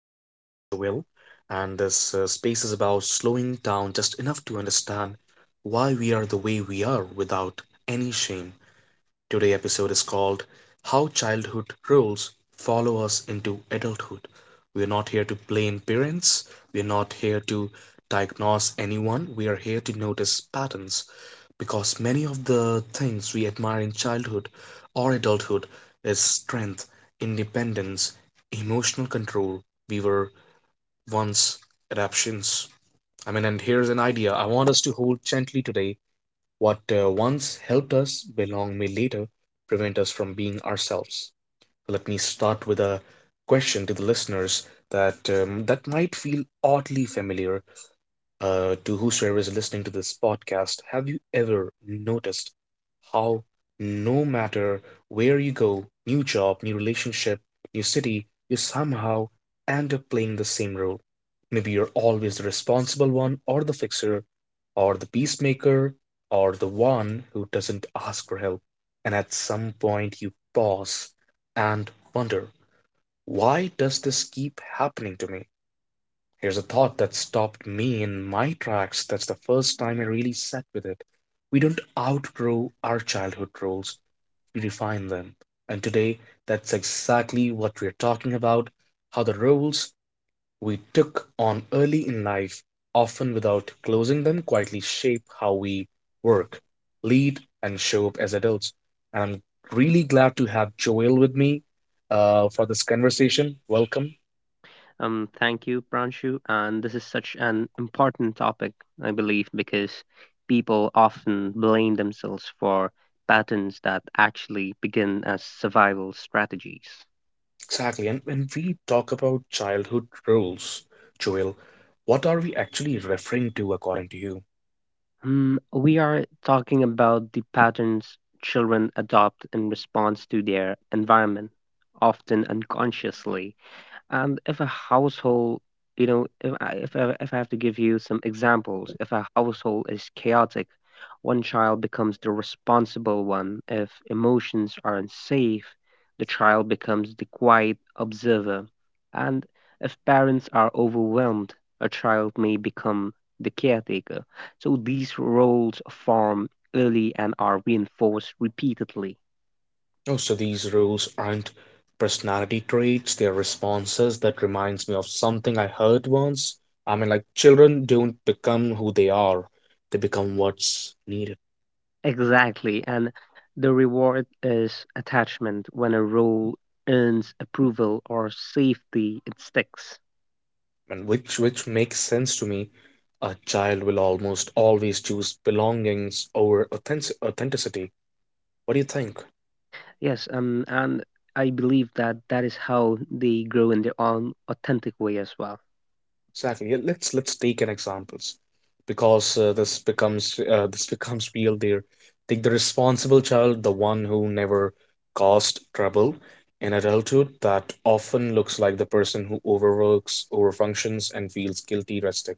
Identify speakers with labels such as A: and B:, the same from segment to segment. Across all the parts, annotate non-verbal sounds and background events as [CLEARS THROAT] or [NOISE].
A: joined by Joel, and this space is about slowing down just enough to understand why we are the way we are without any shame. Today's episode is called How Childhood Rules Follow Us into Adulthood. We're not here to blame parents, we're not here to diagnose anyone, we are here to notice patterns because many of the things we admire in childhood or adulthood is strength, independence, emotional control. We were once adaptions. I mean, and here's an idea I want us to hold gently today, what once helped us belong may later prevent us from being ourselves. Let me start with a question to the listeners that that might feel oddly familiar to whosoever is listening to this podcast. Have you ever noticed how no matter where you go, new job, new relationship, new city, you somehow end up playing the same role? Maybe you're always the responsible one, or the fixer, or the peacemaker, or the one who doesn't ask for help. And at some point, you pause and wonder, why does this keep happening to me? Here's a thought that stopped me in my tracks. That's the first time I really sat with it. We don't outgrow our childhood roles, we refine them. And today, that's exactly what we're talking about, how the roles we took on early in life, often without closing them, quietly shape how we work, lead, and show up as adults. And I'm really glad to have Joel with me for this conversation. Welcome.
B: Thank you, Pranshu. And this is such an important topic, I believe, because people often blame themselves for patterns that actually begin as survival strategies.
A: Exactly. And when we talk about childhood rules, Joel, what are we actually referring to according to you?
B: We are talking about the patterns children adopt in response to their environment, often unconsciously. And if a household, if I have to give you some examples, if a household is chaotic, one child becomes the responsible one. If emotions are unsafe, the child becomes the quiet observer. And if parents are overwhelmed, a child may become the caretaker. So these roles form early and are reinforced repeatedly.
A: Oh, so these rules aren't personality traits, they're responses. That reminds me of something I heard once. I mean, like, children don't become who they are, they become what's needed.
B: Exactly, and the reward is attachment. When a role earns approval or safety, it sticks.
A: And which makes sense to me. A child will almost always choose belongings over authentic authenticity. What do you think?
B: Yes, and I believe that that is how they grow in their own authentic way as well.
A: Exactly. Yeah, let's take an examples because this becomes real there. Take the responsible child, the one who never caused trouble in adulthood, that often looks like the person who overworks, overfunctions, and feels guilty resting.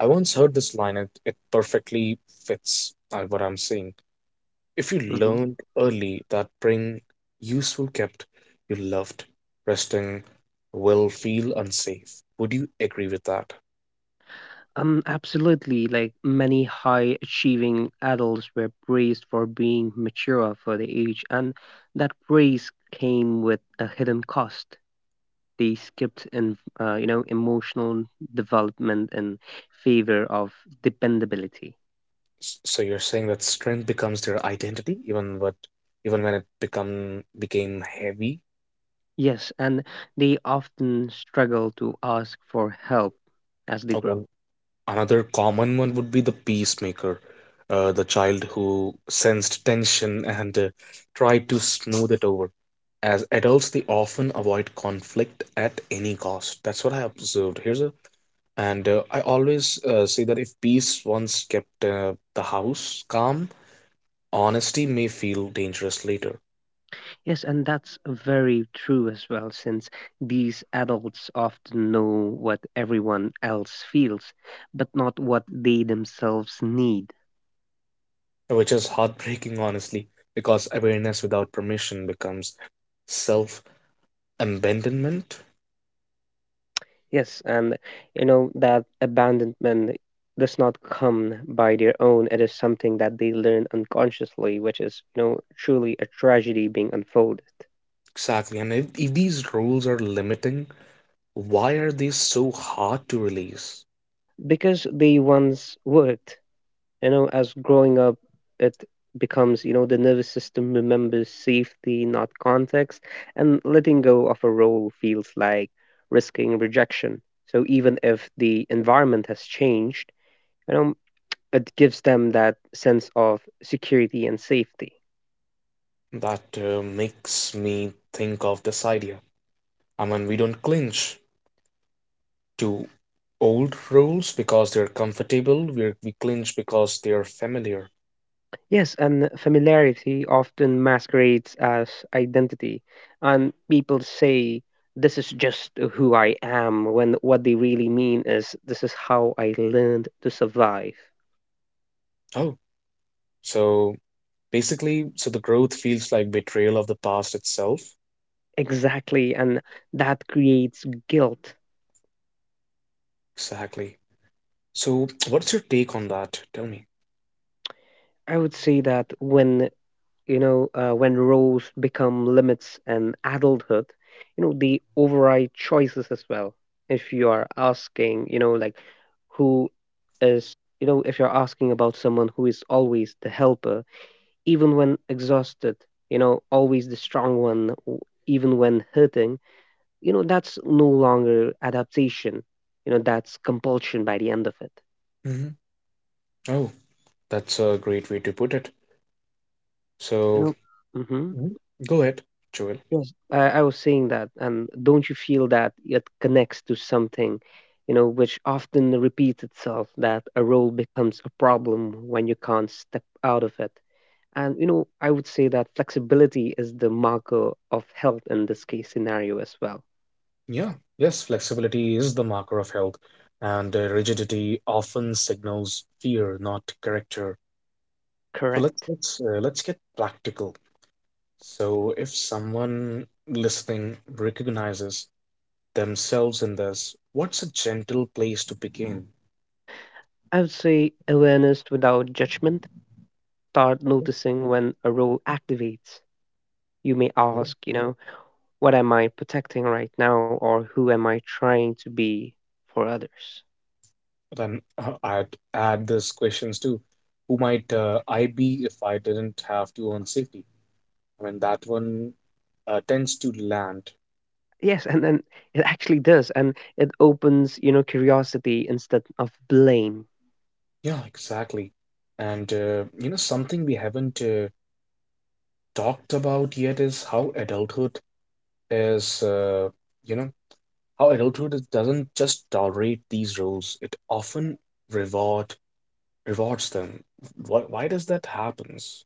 A: I once heard this line, and it perfectly fits what I'm saying. If you
B: Mhm.
A: learned early that being useful kept you loved, resting will feel unsafe. Would you agree with that?
B: Absolutely. Like many high achieving adults were praised for being mature for their age, and that praise came with a hidden cost. They skipped emotional development in favor of dependability.
A: So you're saying that strength becomes their identity, even what, even when it become became heavy.
B: Yes, and they often struggle to ask for help as they grow.
A: One another common one would be the peacemaker, the child who sensed tension and tried to smooth it over. As adults, they often avoid conflict at any cost. That's what I observed. Here's a, and I always say that if peace once kept the house calm, honesty may feel dangerous later.
B: Yes, and that's very true as well, since these adults often know what everyone else feels, but not what they themselves need.
A: Which is heartbreaking, honestly, because awareness without permission becomes self abandonment.
B: Yes, and you know that abandonment does not come by their own. It is something that they learn unconsciously, which is, you know, truly a tragedy being unfolded.
A: Exactly. And if these rules are limiting, why are they so hard to release?
B: Because they once worked, you know, as growing up, it becomes, you know, the nervous system remembers safety, not context, and letting go of a role feels like risking rejection. So even if the environment has changed, you know, it gives them that sense of security and safety.
A: That makes me think of this idea. I mean, we don't clinch to old rules because they're comfortable, we clinch because they're familiar.
B: Yes, and familiarity often masquerades as identity, and people say, this is just who I am, when what they really mean is, this is how I learned to survive.
A: Oh, so basically, so the growth feels like betrayal of the past itself.
B: Exactly, and that creates guilt.
A: Exactly. So, what's your take on that? Tell me.
B: I would say that when roles become limits and adulthood, you know, they override choices as well. If you are asking, you know, like who is, you know, if you're asking about someone who is always the helper, even when exhausted, you know, always the strong one, even when hurting, you know, that's no longer adaptation. You know, that's compulsion by the end of it.
A: Hmm. Oh, that's a great way to put it.
B: You
A: So,
B: know, mm-hmm.
A: mhm, go ahead, Joel.
B: Yes, I was saying that, and don't you feel that it connects to something, you know, which often repeats itself, that a role becomes a problem when you can't step out of it? And, you know, I would say that flexibility is the marker of health in this case scenario as well.
A: Yeah, yes, flexibility is the marker of health, and rigidity often signals fear, not character. So
B: Correct.
A: let's get practical. So, if someone listening recognizes themselves in this, what's a gentle place to begin?
B: I would say awareness without judgment. Start noticing when a role activates. You may ask, you know, what am I protecting right now, or who am I trying to be for others?
A: Then I'd add these questions too. Who might I be if I didn't have to own safety? I mean, that one tends to land.
B: Yes, and then it actually does, and it opens, you know, curiosity instead of blame.
A: Yeah, exactly. And something we haven't talked about yet is how adulthood is, you know, how adulthood is, doesn't just tolerate these roles. It often reward rewards them. Why does that happens?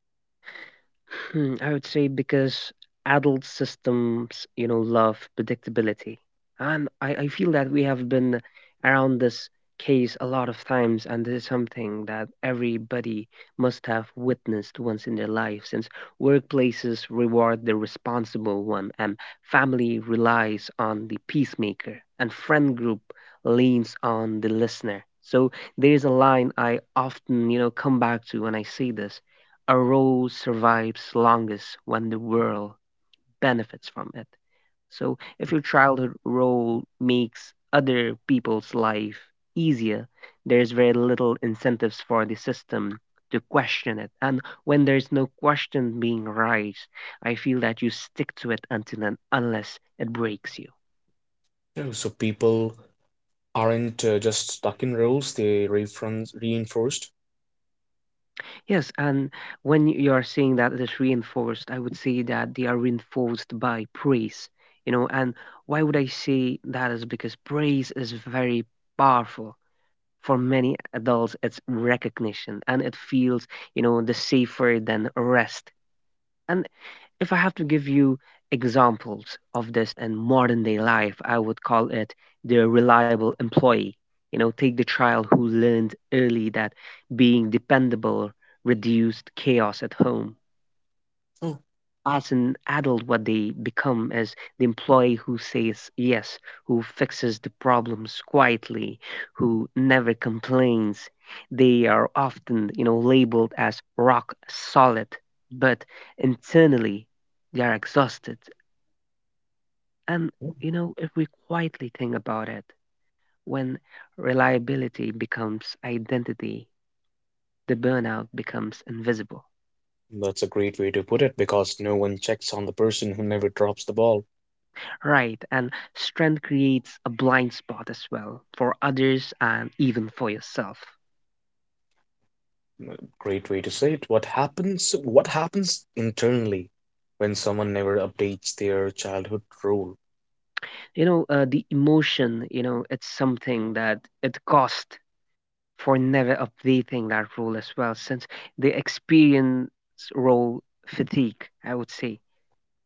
B: I would say because adult systems, you know, love predictability. And I feel that we have been around this case a lot of times, and this is something that everybody must have witnessed once in their life, since workplaces reward the responsible one, and family relies on the peacemaker, and friend group leans on the listener. So there is a line I often, you know, come back to when I see this: a role survives longest when the world benefits from it. So if your childhood role makes other people's life easier, there's very little incentives for the system to question it. And when there's no question being raised, I feel that you stick to it until and unless it breaks you.
A: You know, so people aren't just stuck in roles, they reference reinforced.
B: Yes, and when you are saying that it is reinforced, I would say that they are reinforced by praise, you know, and why would I say that is because praise is very powerful. For many adults, it's recognition and it feels, you know, the safer than rest. And if I have to give you examples of this in modern day life, I would call it the reliable employee. You know, take the child who learned early that being dependable reduced chaos at home.
A: Oh,
B: As an adult, what they become is the employee who says yes, who fixes the problems quietly, who never complains. They are often, you know, labeled as rock solid, but internally they are exhausted and, you know, if we quietly think about it, when reliability becomes identity, the burnout becomes invisible.
A: that's a great way to put it because no one checks on the person who never drops the ball.
B: Right, and strength creates a blind spot as well for others and even for yourself.
A: Mm, great way to say it. What happens internally when someone never updates their childhood role?
B: The emotion, you know, it's something that it cost for never updating that role as well, since the experience role fatigue, I would say,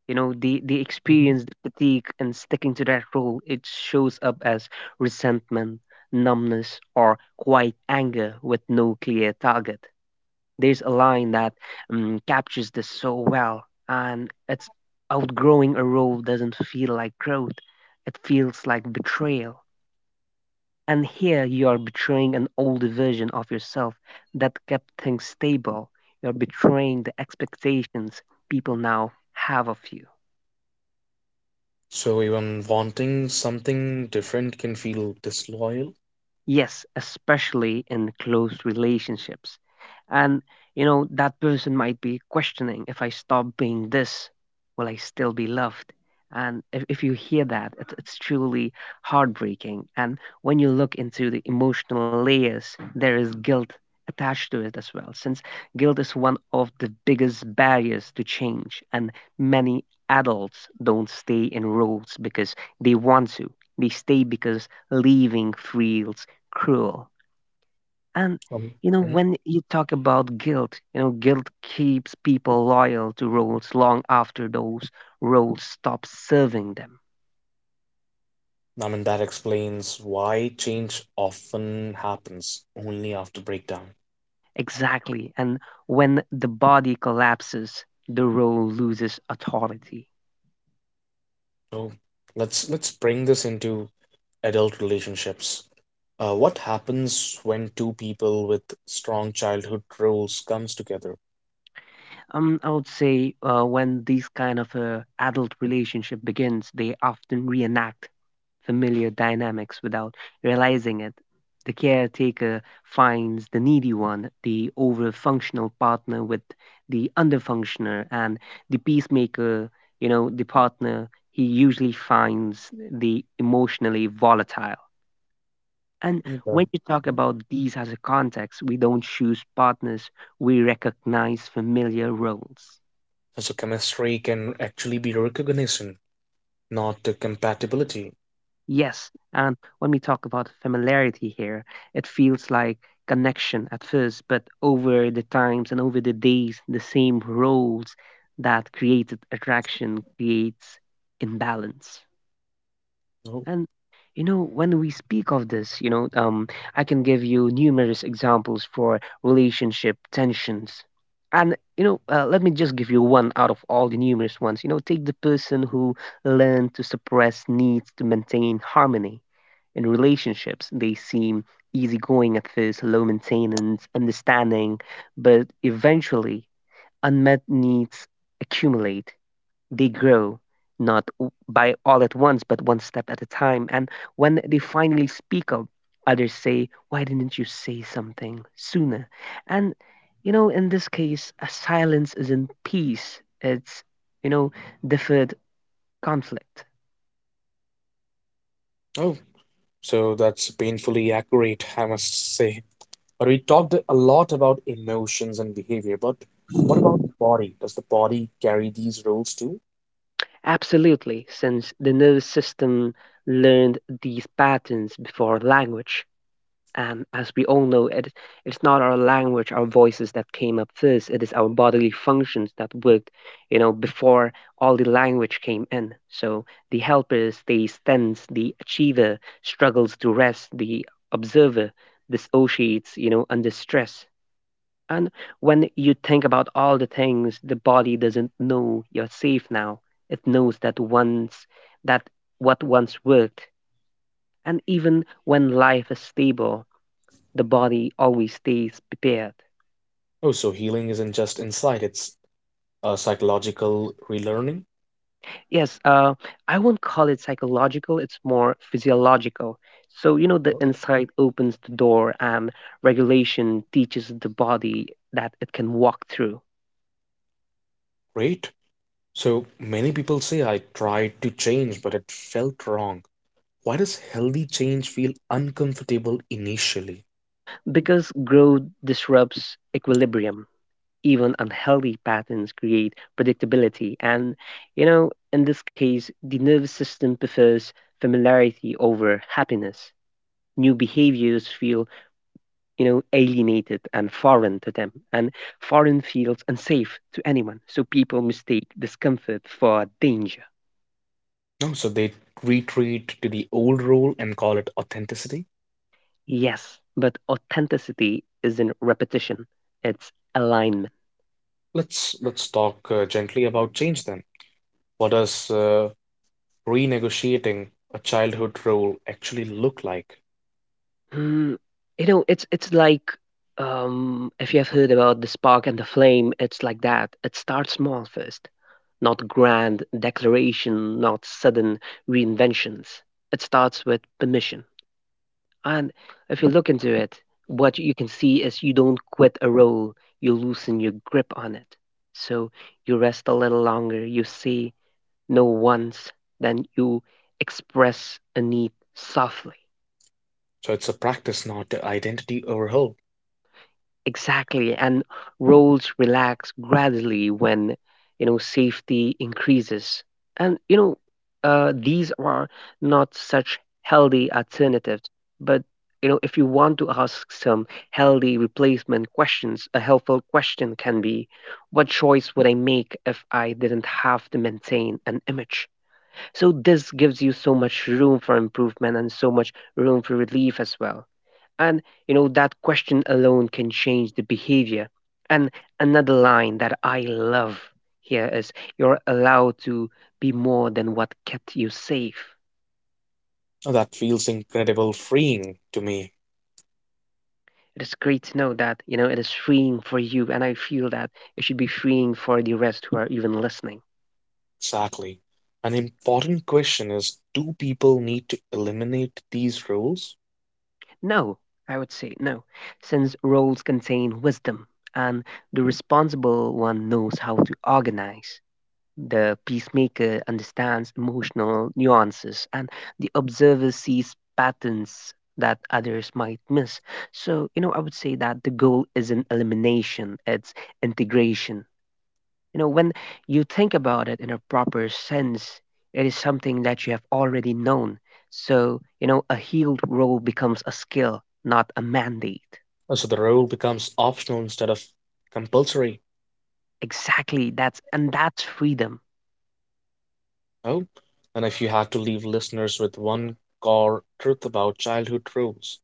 B: you know, the
A: Mhm.
B: experience, the fatigue and sticking to that role, it shows up as resentment, numbness or quiet anger with no clear target. There's a line that captures this so well, and it's: outgrowing a role doesn't feel like growth, it feels like betrayal. And here you are betraying an older version of yourself that kept things stable. You're betraying the expectations people now have of you.
A: So even wanting something different can feel disloyal.
B: Yes, especially in close relationships. And, you know, that person might be questioning, if I stop being this, will I still be loved? And if you hear that, it's truly heartbreaking. And when you look into the emotional layers, there is guilt attached to it as well, since guilt is one of the biggest barriers to change. And many adults don't stay in roles because they want to, they stay because leaving feels cruel. And
A: Um,
B: you know,
A: Mhm.
B: when you talk about guilt, you know, guilt keeps people loyal to roles long after those roles stop serving them.
A: I mean, that explains why change often happens only after breakdown.
B: Exactly. And when the body collapses, the role loses authority.
A: So let's bring this into adult relationships. What happens when two people with strong childhood roles comes together?
B: I would say when these kind of adult relationship begins, they often reenact familiar dynamics without realizing it. The caretaker finds the needy one, the overfunctional partner with the underfunctioner, and the peacemaker, you know, the partner he usually finds the emotionally volatile. And
A: Mm, uh,
B: when you talk about these as a context, we don't choose partners, we recognize familiar roles.
A: So chemistry can actually be recognition, not a compatibility.
B: Yes, and when we talk about familiarity here, it feels like connection at first, but over the times and over the days, the same roles that created attraction creates imbalance.
A: Oh,
B: And you know, when we speak of this, you know, I can give you numerous examples for relationship tensions. And you know, let me just give you one out of all the numerous ones. You know, take the person who learned to suppress needs to maintain harmony in relationships. They seem easygoing at first, low maintenance, understanding, but eventually unmet needs accumulate. They grow, not o- by all at once, but one step at a time. And when they finally speak up, others say, why didn't you say something sooner? And, you know, in this case, a silence isn't peace, you know, deferred conflict.
A: oh, so that's painfully accurate, I must say. But we talked a lot about emotions and behavior, but what about the body? Does the body carry these roles too?
B: Absolutely, since the nervous system learned these patterns before language. And as we all know, it's not our language, our voices that came up first. It is our bodily functions that worked, you know, before all the language came in. So the helper stays tense, the achiever struggles to rest, the observer dissociates, you know, under stress. And when you think about all the things, the body doesn't know you're safe now, it knows that once that what once worked. And even when life is stable, the body always stays prepared.
A: Oh, so healing isn't just inside, it's psychological relearning.
B: Yes, I won't call it psychological, it's more physiological. So, you know, the
A: Oh.
B: insight opens the door, and regulation teaches the body that it can walk through.
A: Great. So many people say I tried to change, but it felt wrong. Why does healthy change feel uncomfortable initially?
B: Because growth disrupts equilibrium, even unhealthy patterns create predictability. And, you know, in this case, the nervous system prefers familiarity over happiness. New behaviors feel, you know, alienated and foreign to them, and foreign feels unsafe to anyone. So people mistake discomfort for danger.
A: No, so they retreat to the old role and call it authenticity.
B: Yes, but authenticity is in repetition, it's alignment.
A: Let's talk gently about change then. What does renegotiating a childhood role actually look like?
B: Mm, you know, it's like if you have heard about the spark and the flame, it's like that. It starts small first, not grand declaration, not sudden reinventions. It starts with permission. And if you look into it, what you can see is you don't quit a role, you loosen your grip on it. So you rest a little longer, you say no once, then you express a need softly.
A: So it's a practice, not a identity overhaul.
B: Exactly, and roles relax gradually when you know safety increases, and you know these are not such healthy alternatives. But you know, if you want to ask some healthy replacement questions, a helpful question can be, "What choice would I make if I didn't have to maintain an image?" So this gives you so much room for improvement and so much room for relief as well. And you know that question alone can change the behavior. And another line that I love here is you're allowed to be more than what kept you safe.
A: Oh, that feels incredible freeing to me.
B: It is great to know that, you know, it is freeing for you and I feel that it should be freeing for the rest who are even listening.
A: Exactly. An important question is, do people need to eliminate these rules?
B: No, I would say no, since roles contain wisdom and the responsible one knows how to organize. The peacemaker understands emotional nuances, and the observer sees patterns that others might miss. So, you know, I would say that the goal isn't elimination, it's integration. You know, when you think about it in a proper sense, it is something that you have already known. So, you know, a healed role becomes a skill, not a mandate.
A: So the role becomes optional instead of compulsory.
B: Exactly, that's freedom.
A: Oh, and if you had to leave listeners with one core truth about childhood rules,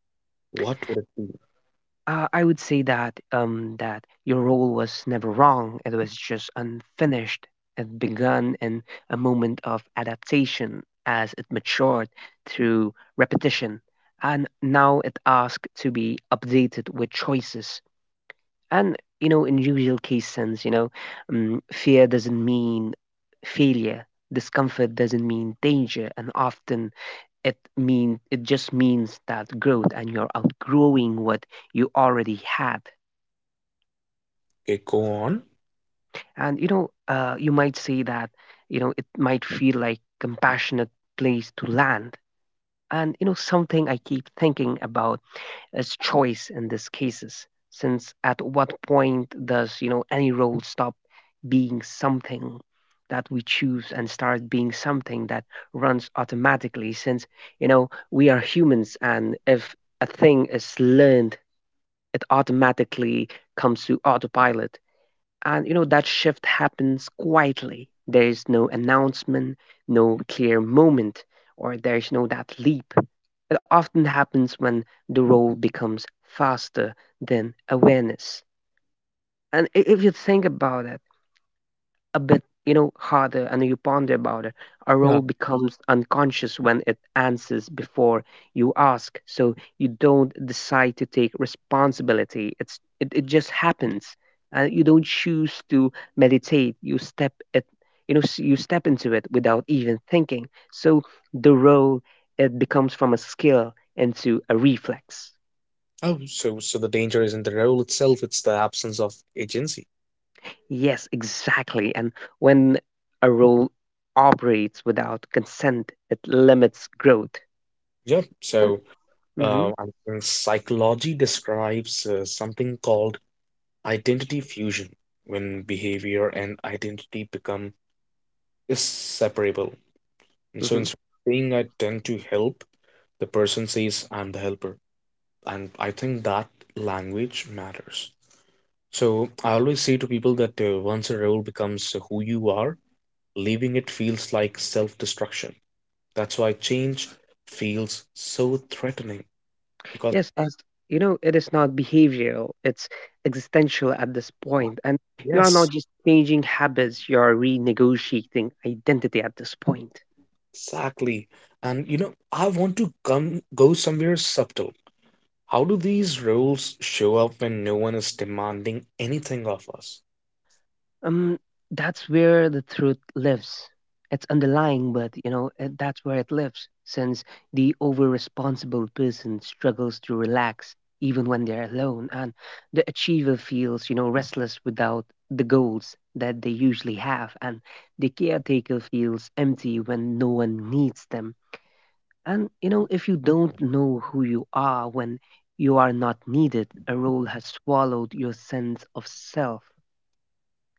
A: what would it be?
B: I would say that that your role was never wrong. It was just unfinished. It began in a moment of adaptation as it matured through repetition, and now it asks to be updated with choices. And you know, in usual case sense, you know, fear doesn't mean failure. Discomfort doesn't mean danger, and often it just means that growth and you're outgrowing what you already had.
A: Okay, go on.
B: And you know, you might say that you know it might feel like compassionate place to land. And you know, something I keep thinking about as choice in these cases, since at what point does you know any role stop being something that we choose and start being something that runs automatically, since you know we are humans and if a thing is learned it automatically comes to autopilot. And you know that shift happens quietly. There is no announcement, no clear moment, or there's no that leap. It often happens when the role becomes faster than awareness. And if you think about it a bit, you know, harder and you ponder about it. A role
A: Yeah.
B: becomes unconscious when it answers before you ask. So you don't decide to take responsibility. It just happens. And you don't choose to meditate. You step into it without even thinking. So the role, it becomes from a skill into a reflex.
A: Oh, so so the danger isn't the role itself, it's the absence of agency.
B: Yes, exactly. And when a role operates without consent, it limits growth.
A: Yep.
B: And,
A: So
B: mhm.
A: I think psychology describes something called identity fusion, when behavior and identity become inseparable. And so
B: Hmm.
A: instead of saying I tend to help, the person says I'm the helper. And I think that language matters. So I always say to people that once a role becomes who you are, leaving it feels like self destruction. That's why change feels so threatening because...
B: Yes, as you know, it is not behavioral, it's existential at this point. And you are not
A: Yes,
B: just changing habits, you are renegotiating identity at this point.
A: exactly. And you know, I want to come go somewhere subtle. How do these roles show up when no one is demanding anything of us?
B: Um, that's where the truth lives. It's underlying, but you know that's where it lives. Since the over-responsible person struggles to relax even when they're alone, and the achiever feels you know restless without the goals that they usually have, and the caretaker feels empty when no one needs them. And you know if you don't know who you are when you are not needed, a role has swallowed your sense of self.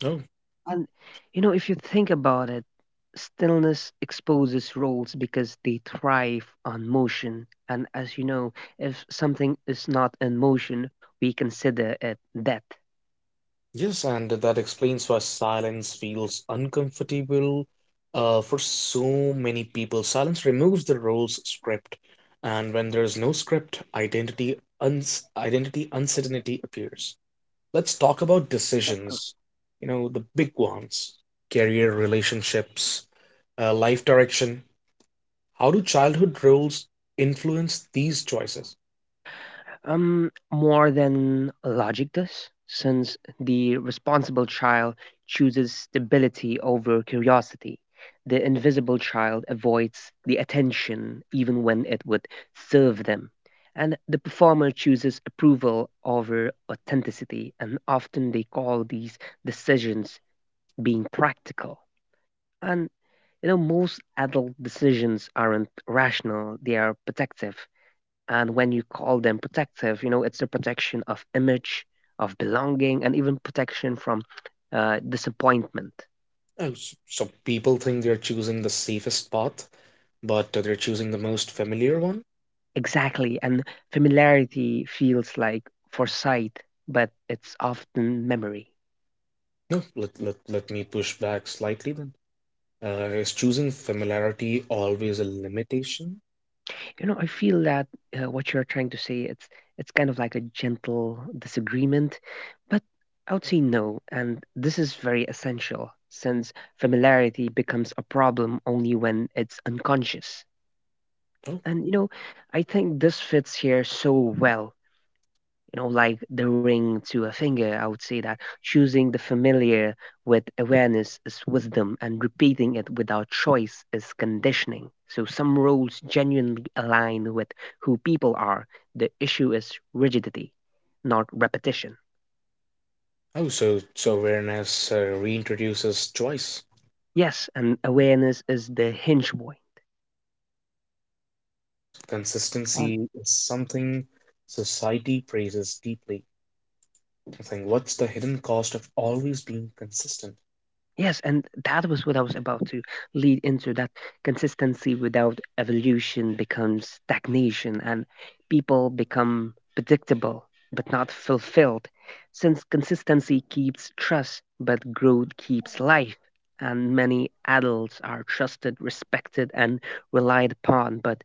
A: Oh,
B: And you know, if you think about it, stillness exposes roles because they thrive on motion. And as you know, if something is not in motion, we consider it dead.
A: yes, and that explains why silence feels uncomfortable for so many people. Silence removes the role's script, and when there is no script, identity uncertainty appears. Let's talk about decisions. You know, the big ones: career, relationships, life direction. How do childhood roles influence these choices?
B: More than logic does, since the responsible child chooses stability over curiosity. The invisible child avoids the attention even when it would serve them. And the performer chooses approval over authenticity, and often they call these decisions being practical. And you know, most adult decisions aren't rational, they are protective, and when you call them protective, you know, it's the protection of image, of belonging, and even protection from disappointment.
A: Oh, so people think they're choosing the safest path, but they're choosing the most familiar one?
B: Exactly. And familiarity feels like foresight, but it's often memory.
A: No, let me push back slightly then. Is choosing familiarity always a limitation?
B: You know, I feel that what you're trying to say, it's kind of like a gentle disagreement, but I would say no. And this is very essential since familiarity becomes a problem only when it's unconscious.
A: Oh,
B: And you know, I think this fits here so well. You know, like the ring to a finger, I would say that choosing the familiar with awareness is wisdom and repeating it without choice is conditioning. So some roles genuinely align with who people are. The issue is rigidity, not repetition.
A: oh, so so awareness reintroduces choice.
B: Yes, and awareness is the hinge point.
A: Consistency is something society praises deeply. I think, what's the hidden cost of always being consistent?
B: Yes, and that was what I was about to lead into, that consistency without evolution becomes stagnation and people become predictable but not fulfilled. Since consistency keeps trust, but growth keeps life. And many adults are trusted, respected, and relied upon, but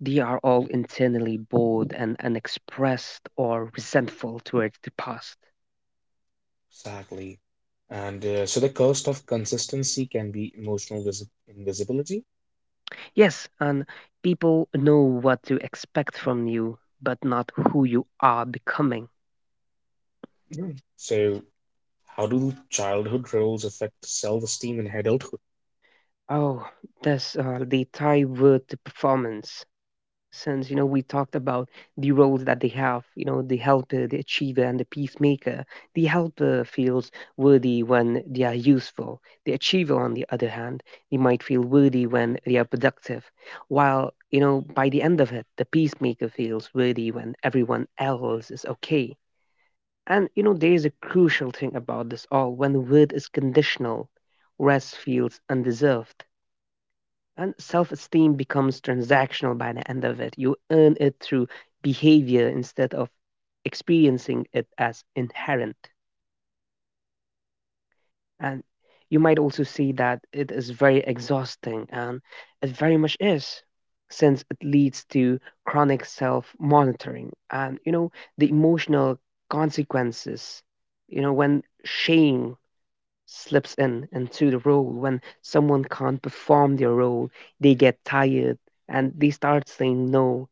B: they are all internally bored and unexpressed or resentful towards the past.
A: Exactly. And so the cost of consistency can be emotional visi invisibility.
B: Yes, and people know what to expect from you, but not who you are becoming.
A: [CLEARS THROAT] Mm. So, how do childhood roles affect self-esteem in adulthood?
B: Oh, that's the tie word to performance. Since you know we talked about the roles that they have, you know, the helper, the achiever, and the peacemaker. The helper feels worthy when they are useful. The achiever, on the other hand, they might feel worthy when they are productive. While you know, by the end of it, the peacemaker feels worthy when everyone else is okay. And you know, there is a crucial thing about this all. When worth is conditional, rest feels undeserved, and self esteem becomes transactional by the end of it. You earn it through behavior instead of experiencing it as inherent. And you might also see that it is very exhausting, and it very much is, since it leads to chronic self monitoring and, you know, the emotional consequences. You know, when shame slips in into the role, when someone can't perform their role they get tired and they start saying no,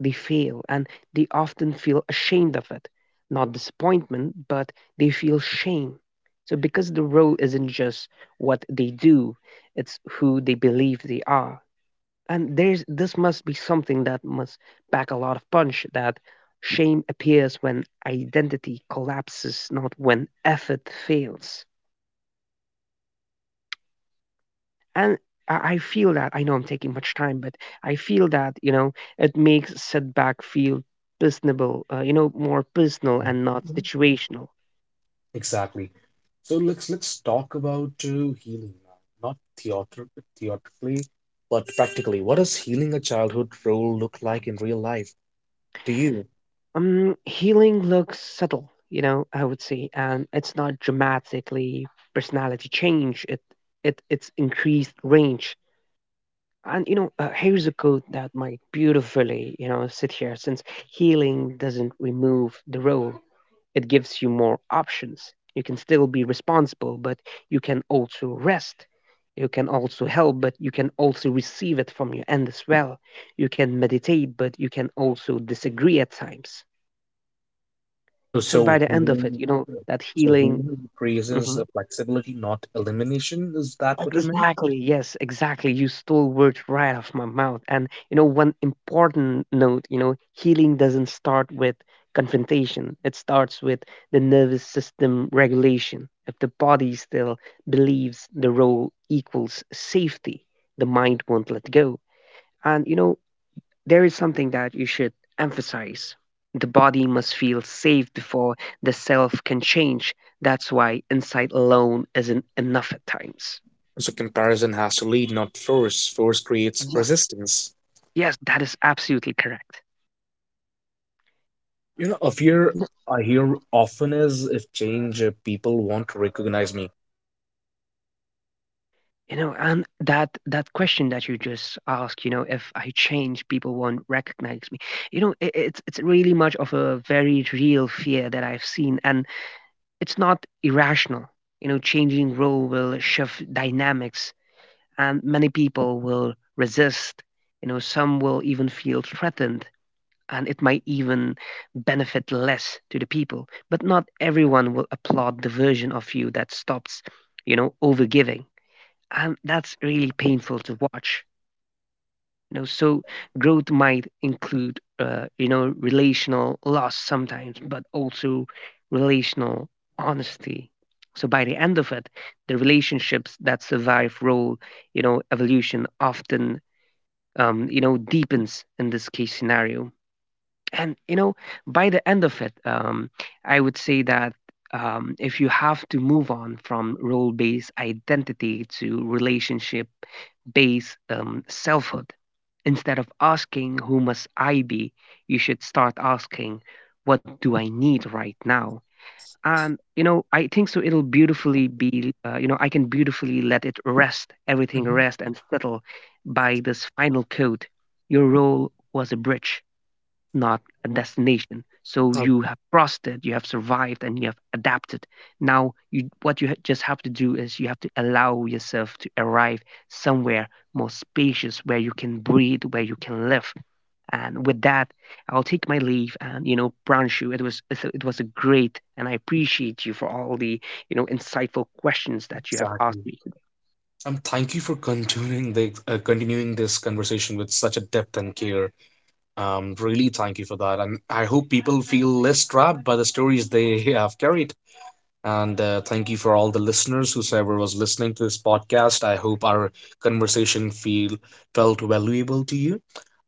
B: they fail and they often feel ashamed of it, not disappointment but they feel shame. So because the role isn't just what they do, it's who they believe they are. And there's this must be something that must pack a lot of punch, that shame appears when identity collapses, not when effort fails. And I feel that I know I'm taking much time, but I feel that you know it makes setback feel personable, you know, more personal
A: Mm.
B: and not
A: Mhm.
B: situational.
A: Exactly. So let's talk about healing now, not theater theatrically, but practically. What does healing a childhood role look like in real life to you?
B: Healing looks subtle, you know, I would say, and it's not dramatically personality change. It's increased range. And you know, here's a quote that might beautifully, you know, sit here since healing doesn't remove the role, it gives you more options. You can still be responsible, but you can also rest. You can also help, but you can also receive it from your end as well. You can meditate, but you can also disagree at times.
A: Oh,
B: So
A: so
B: by the end of it,
A: healing,
B: you know, that
A: so
B: healing.
A: healing
B: Mm-hmm.
A: increases flexibility, not elimination. Is that what you meant?
B: Exactly. Yes, exactly. You stole words right off my mouth. And, you know, one important note, you know, healing doesn't start with confrontation, it starts with the nervous system regulation. If the body still believes the role equals safety, the mind won't let go. And, you know, there is something that you should emphasize. The body must feel safe before the self can change. That's why insight alone isn't enough at times.
A: So comparison has to lead, not force. Force creates resistance.
B: Yes, that is absolutely correct.
A: You know, a fear I hear often is, if change, people won't recognize me.
B: You know, and that that question that you just asked, you know, if I change, people won't recognize me. You know, it's really much of a very real fear that I've seen, and it's not irrational. You know, changing role will shift dynamics, and many people will resist. You know, some will even feel threatened, and it might even benefit less to the people. But not everyone will applaud the version of you that stops, you know, overgiving, and that's really painful to watch, you know. So growth might include you know relational loss sometimes but also relational honesty. So by the end of it, the relationships that survive role you know evolution often, you know, deepens in this case scenario. And you know, by the end of it, I would say that if you have to move on from role based identity to relationship base selfhood. Instead of asking, "Who must I be?" you should start asking, "What do I need right now?" And, you know, I think so it'll beautifully be, you know, I can beautifully let it rest, everything
A: Mhm.
B: rest and settle by this final code. Your role was a bridge, not a destination. So
A: Oh,
B: you have crossed it, you have survived, and you have adapted. Now, you, what you just have to do is you have to allow yourself to arrive somewhere more spacious where you can breathe, where you can live. And with that, I'll take my leave. And you know, Branshu, it was it was a great, and I appreciate you for all the you know insightful questions that you have asked
A: exactly.
B: me.
A: Thank you for continuing the continuing this conversation with such a depth and care. Really, thank you for that, and I hope people feel less trapped by the stories they [LAUGHS] have carried. And thank you for all the listeners, whoever was listening to this podcast. I hope our conversation feel felt valuable to you.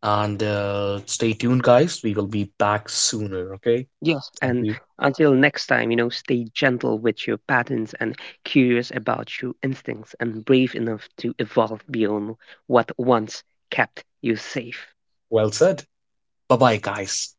A: And stay tuned, guys. We will be back sooner. Okay.
B: Yes,
A: Thank
B: and
A: you.
B: until next time, you know, stay gentle with your patterns and curious about your instincts and brave enough to evolve beyond what once kept you safe.
A: Well said. Bye-bye, guys.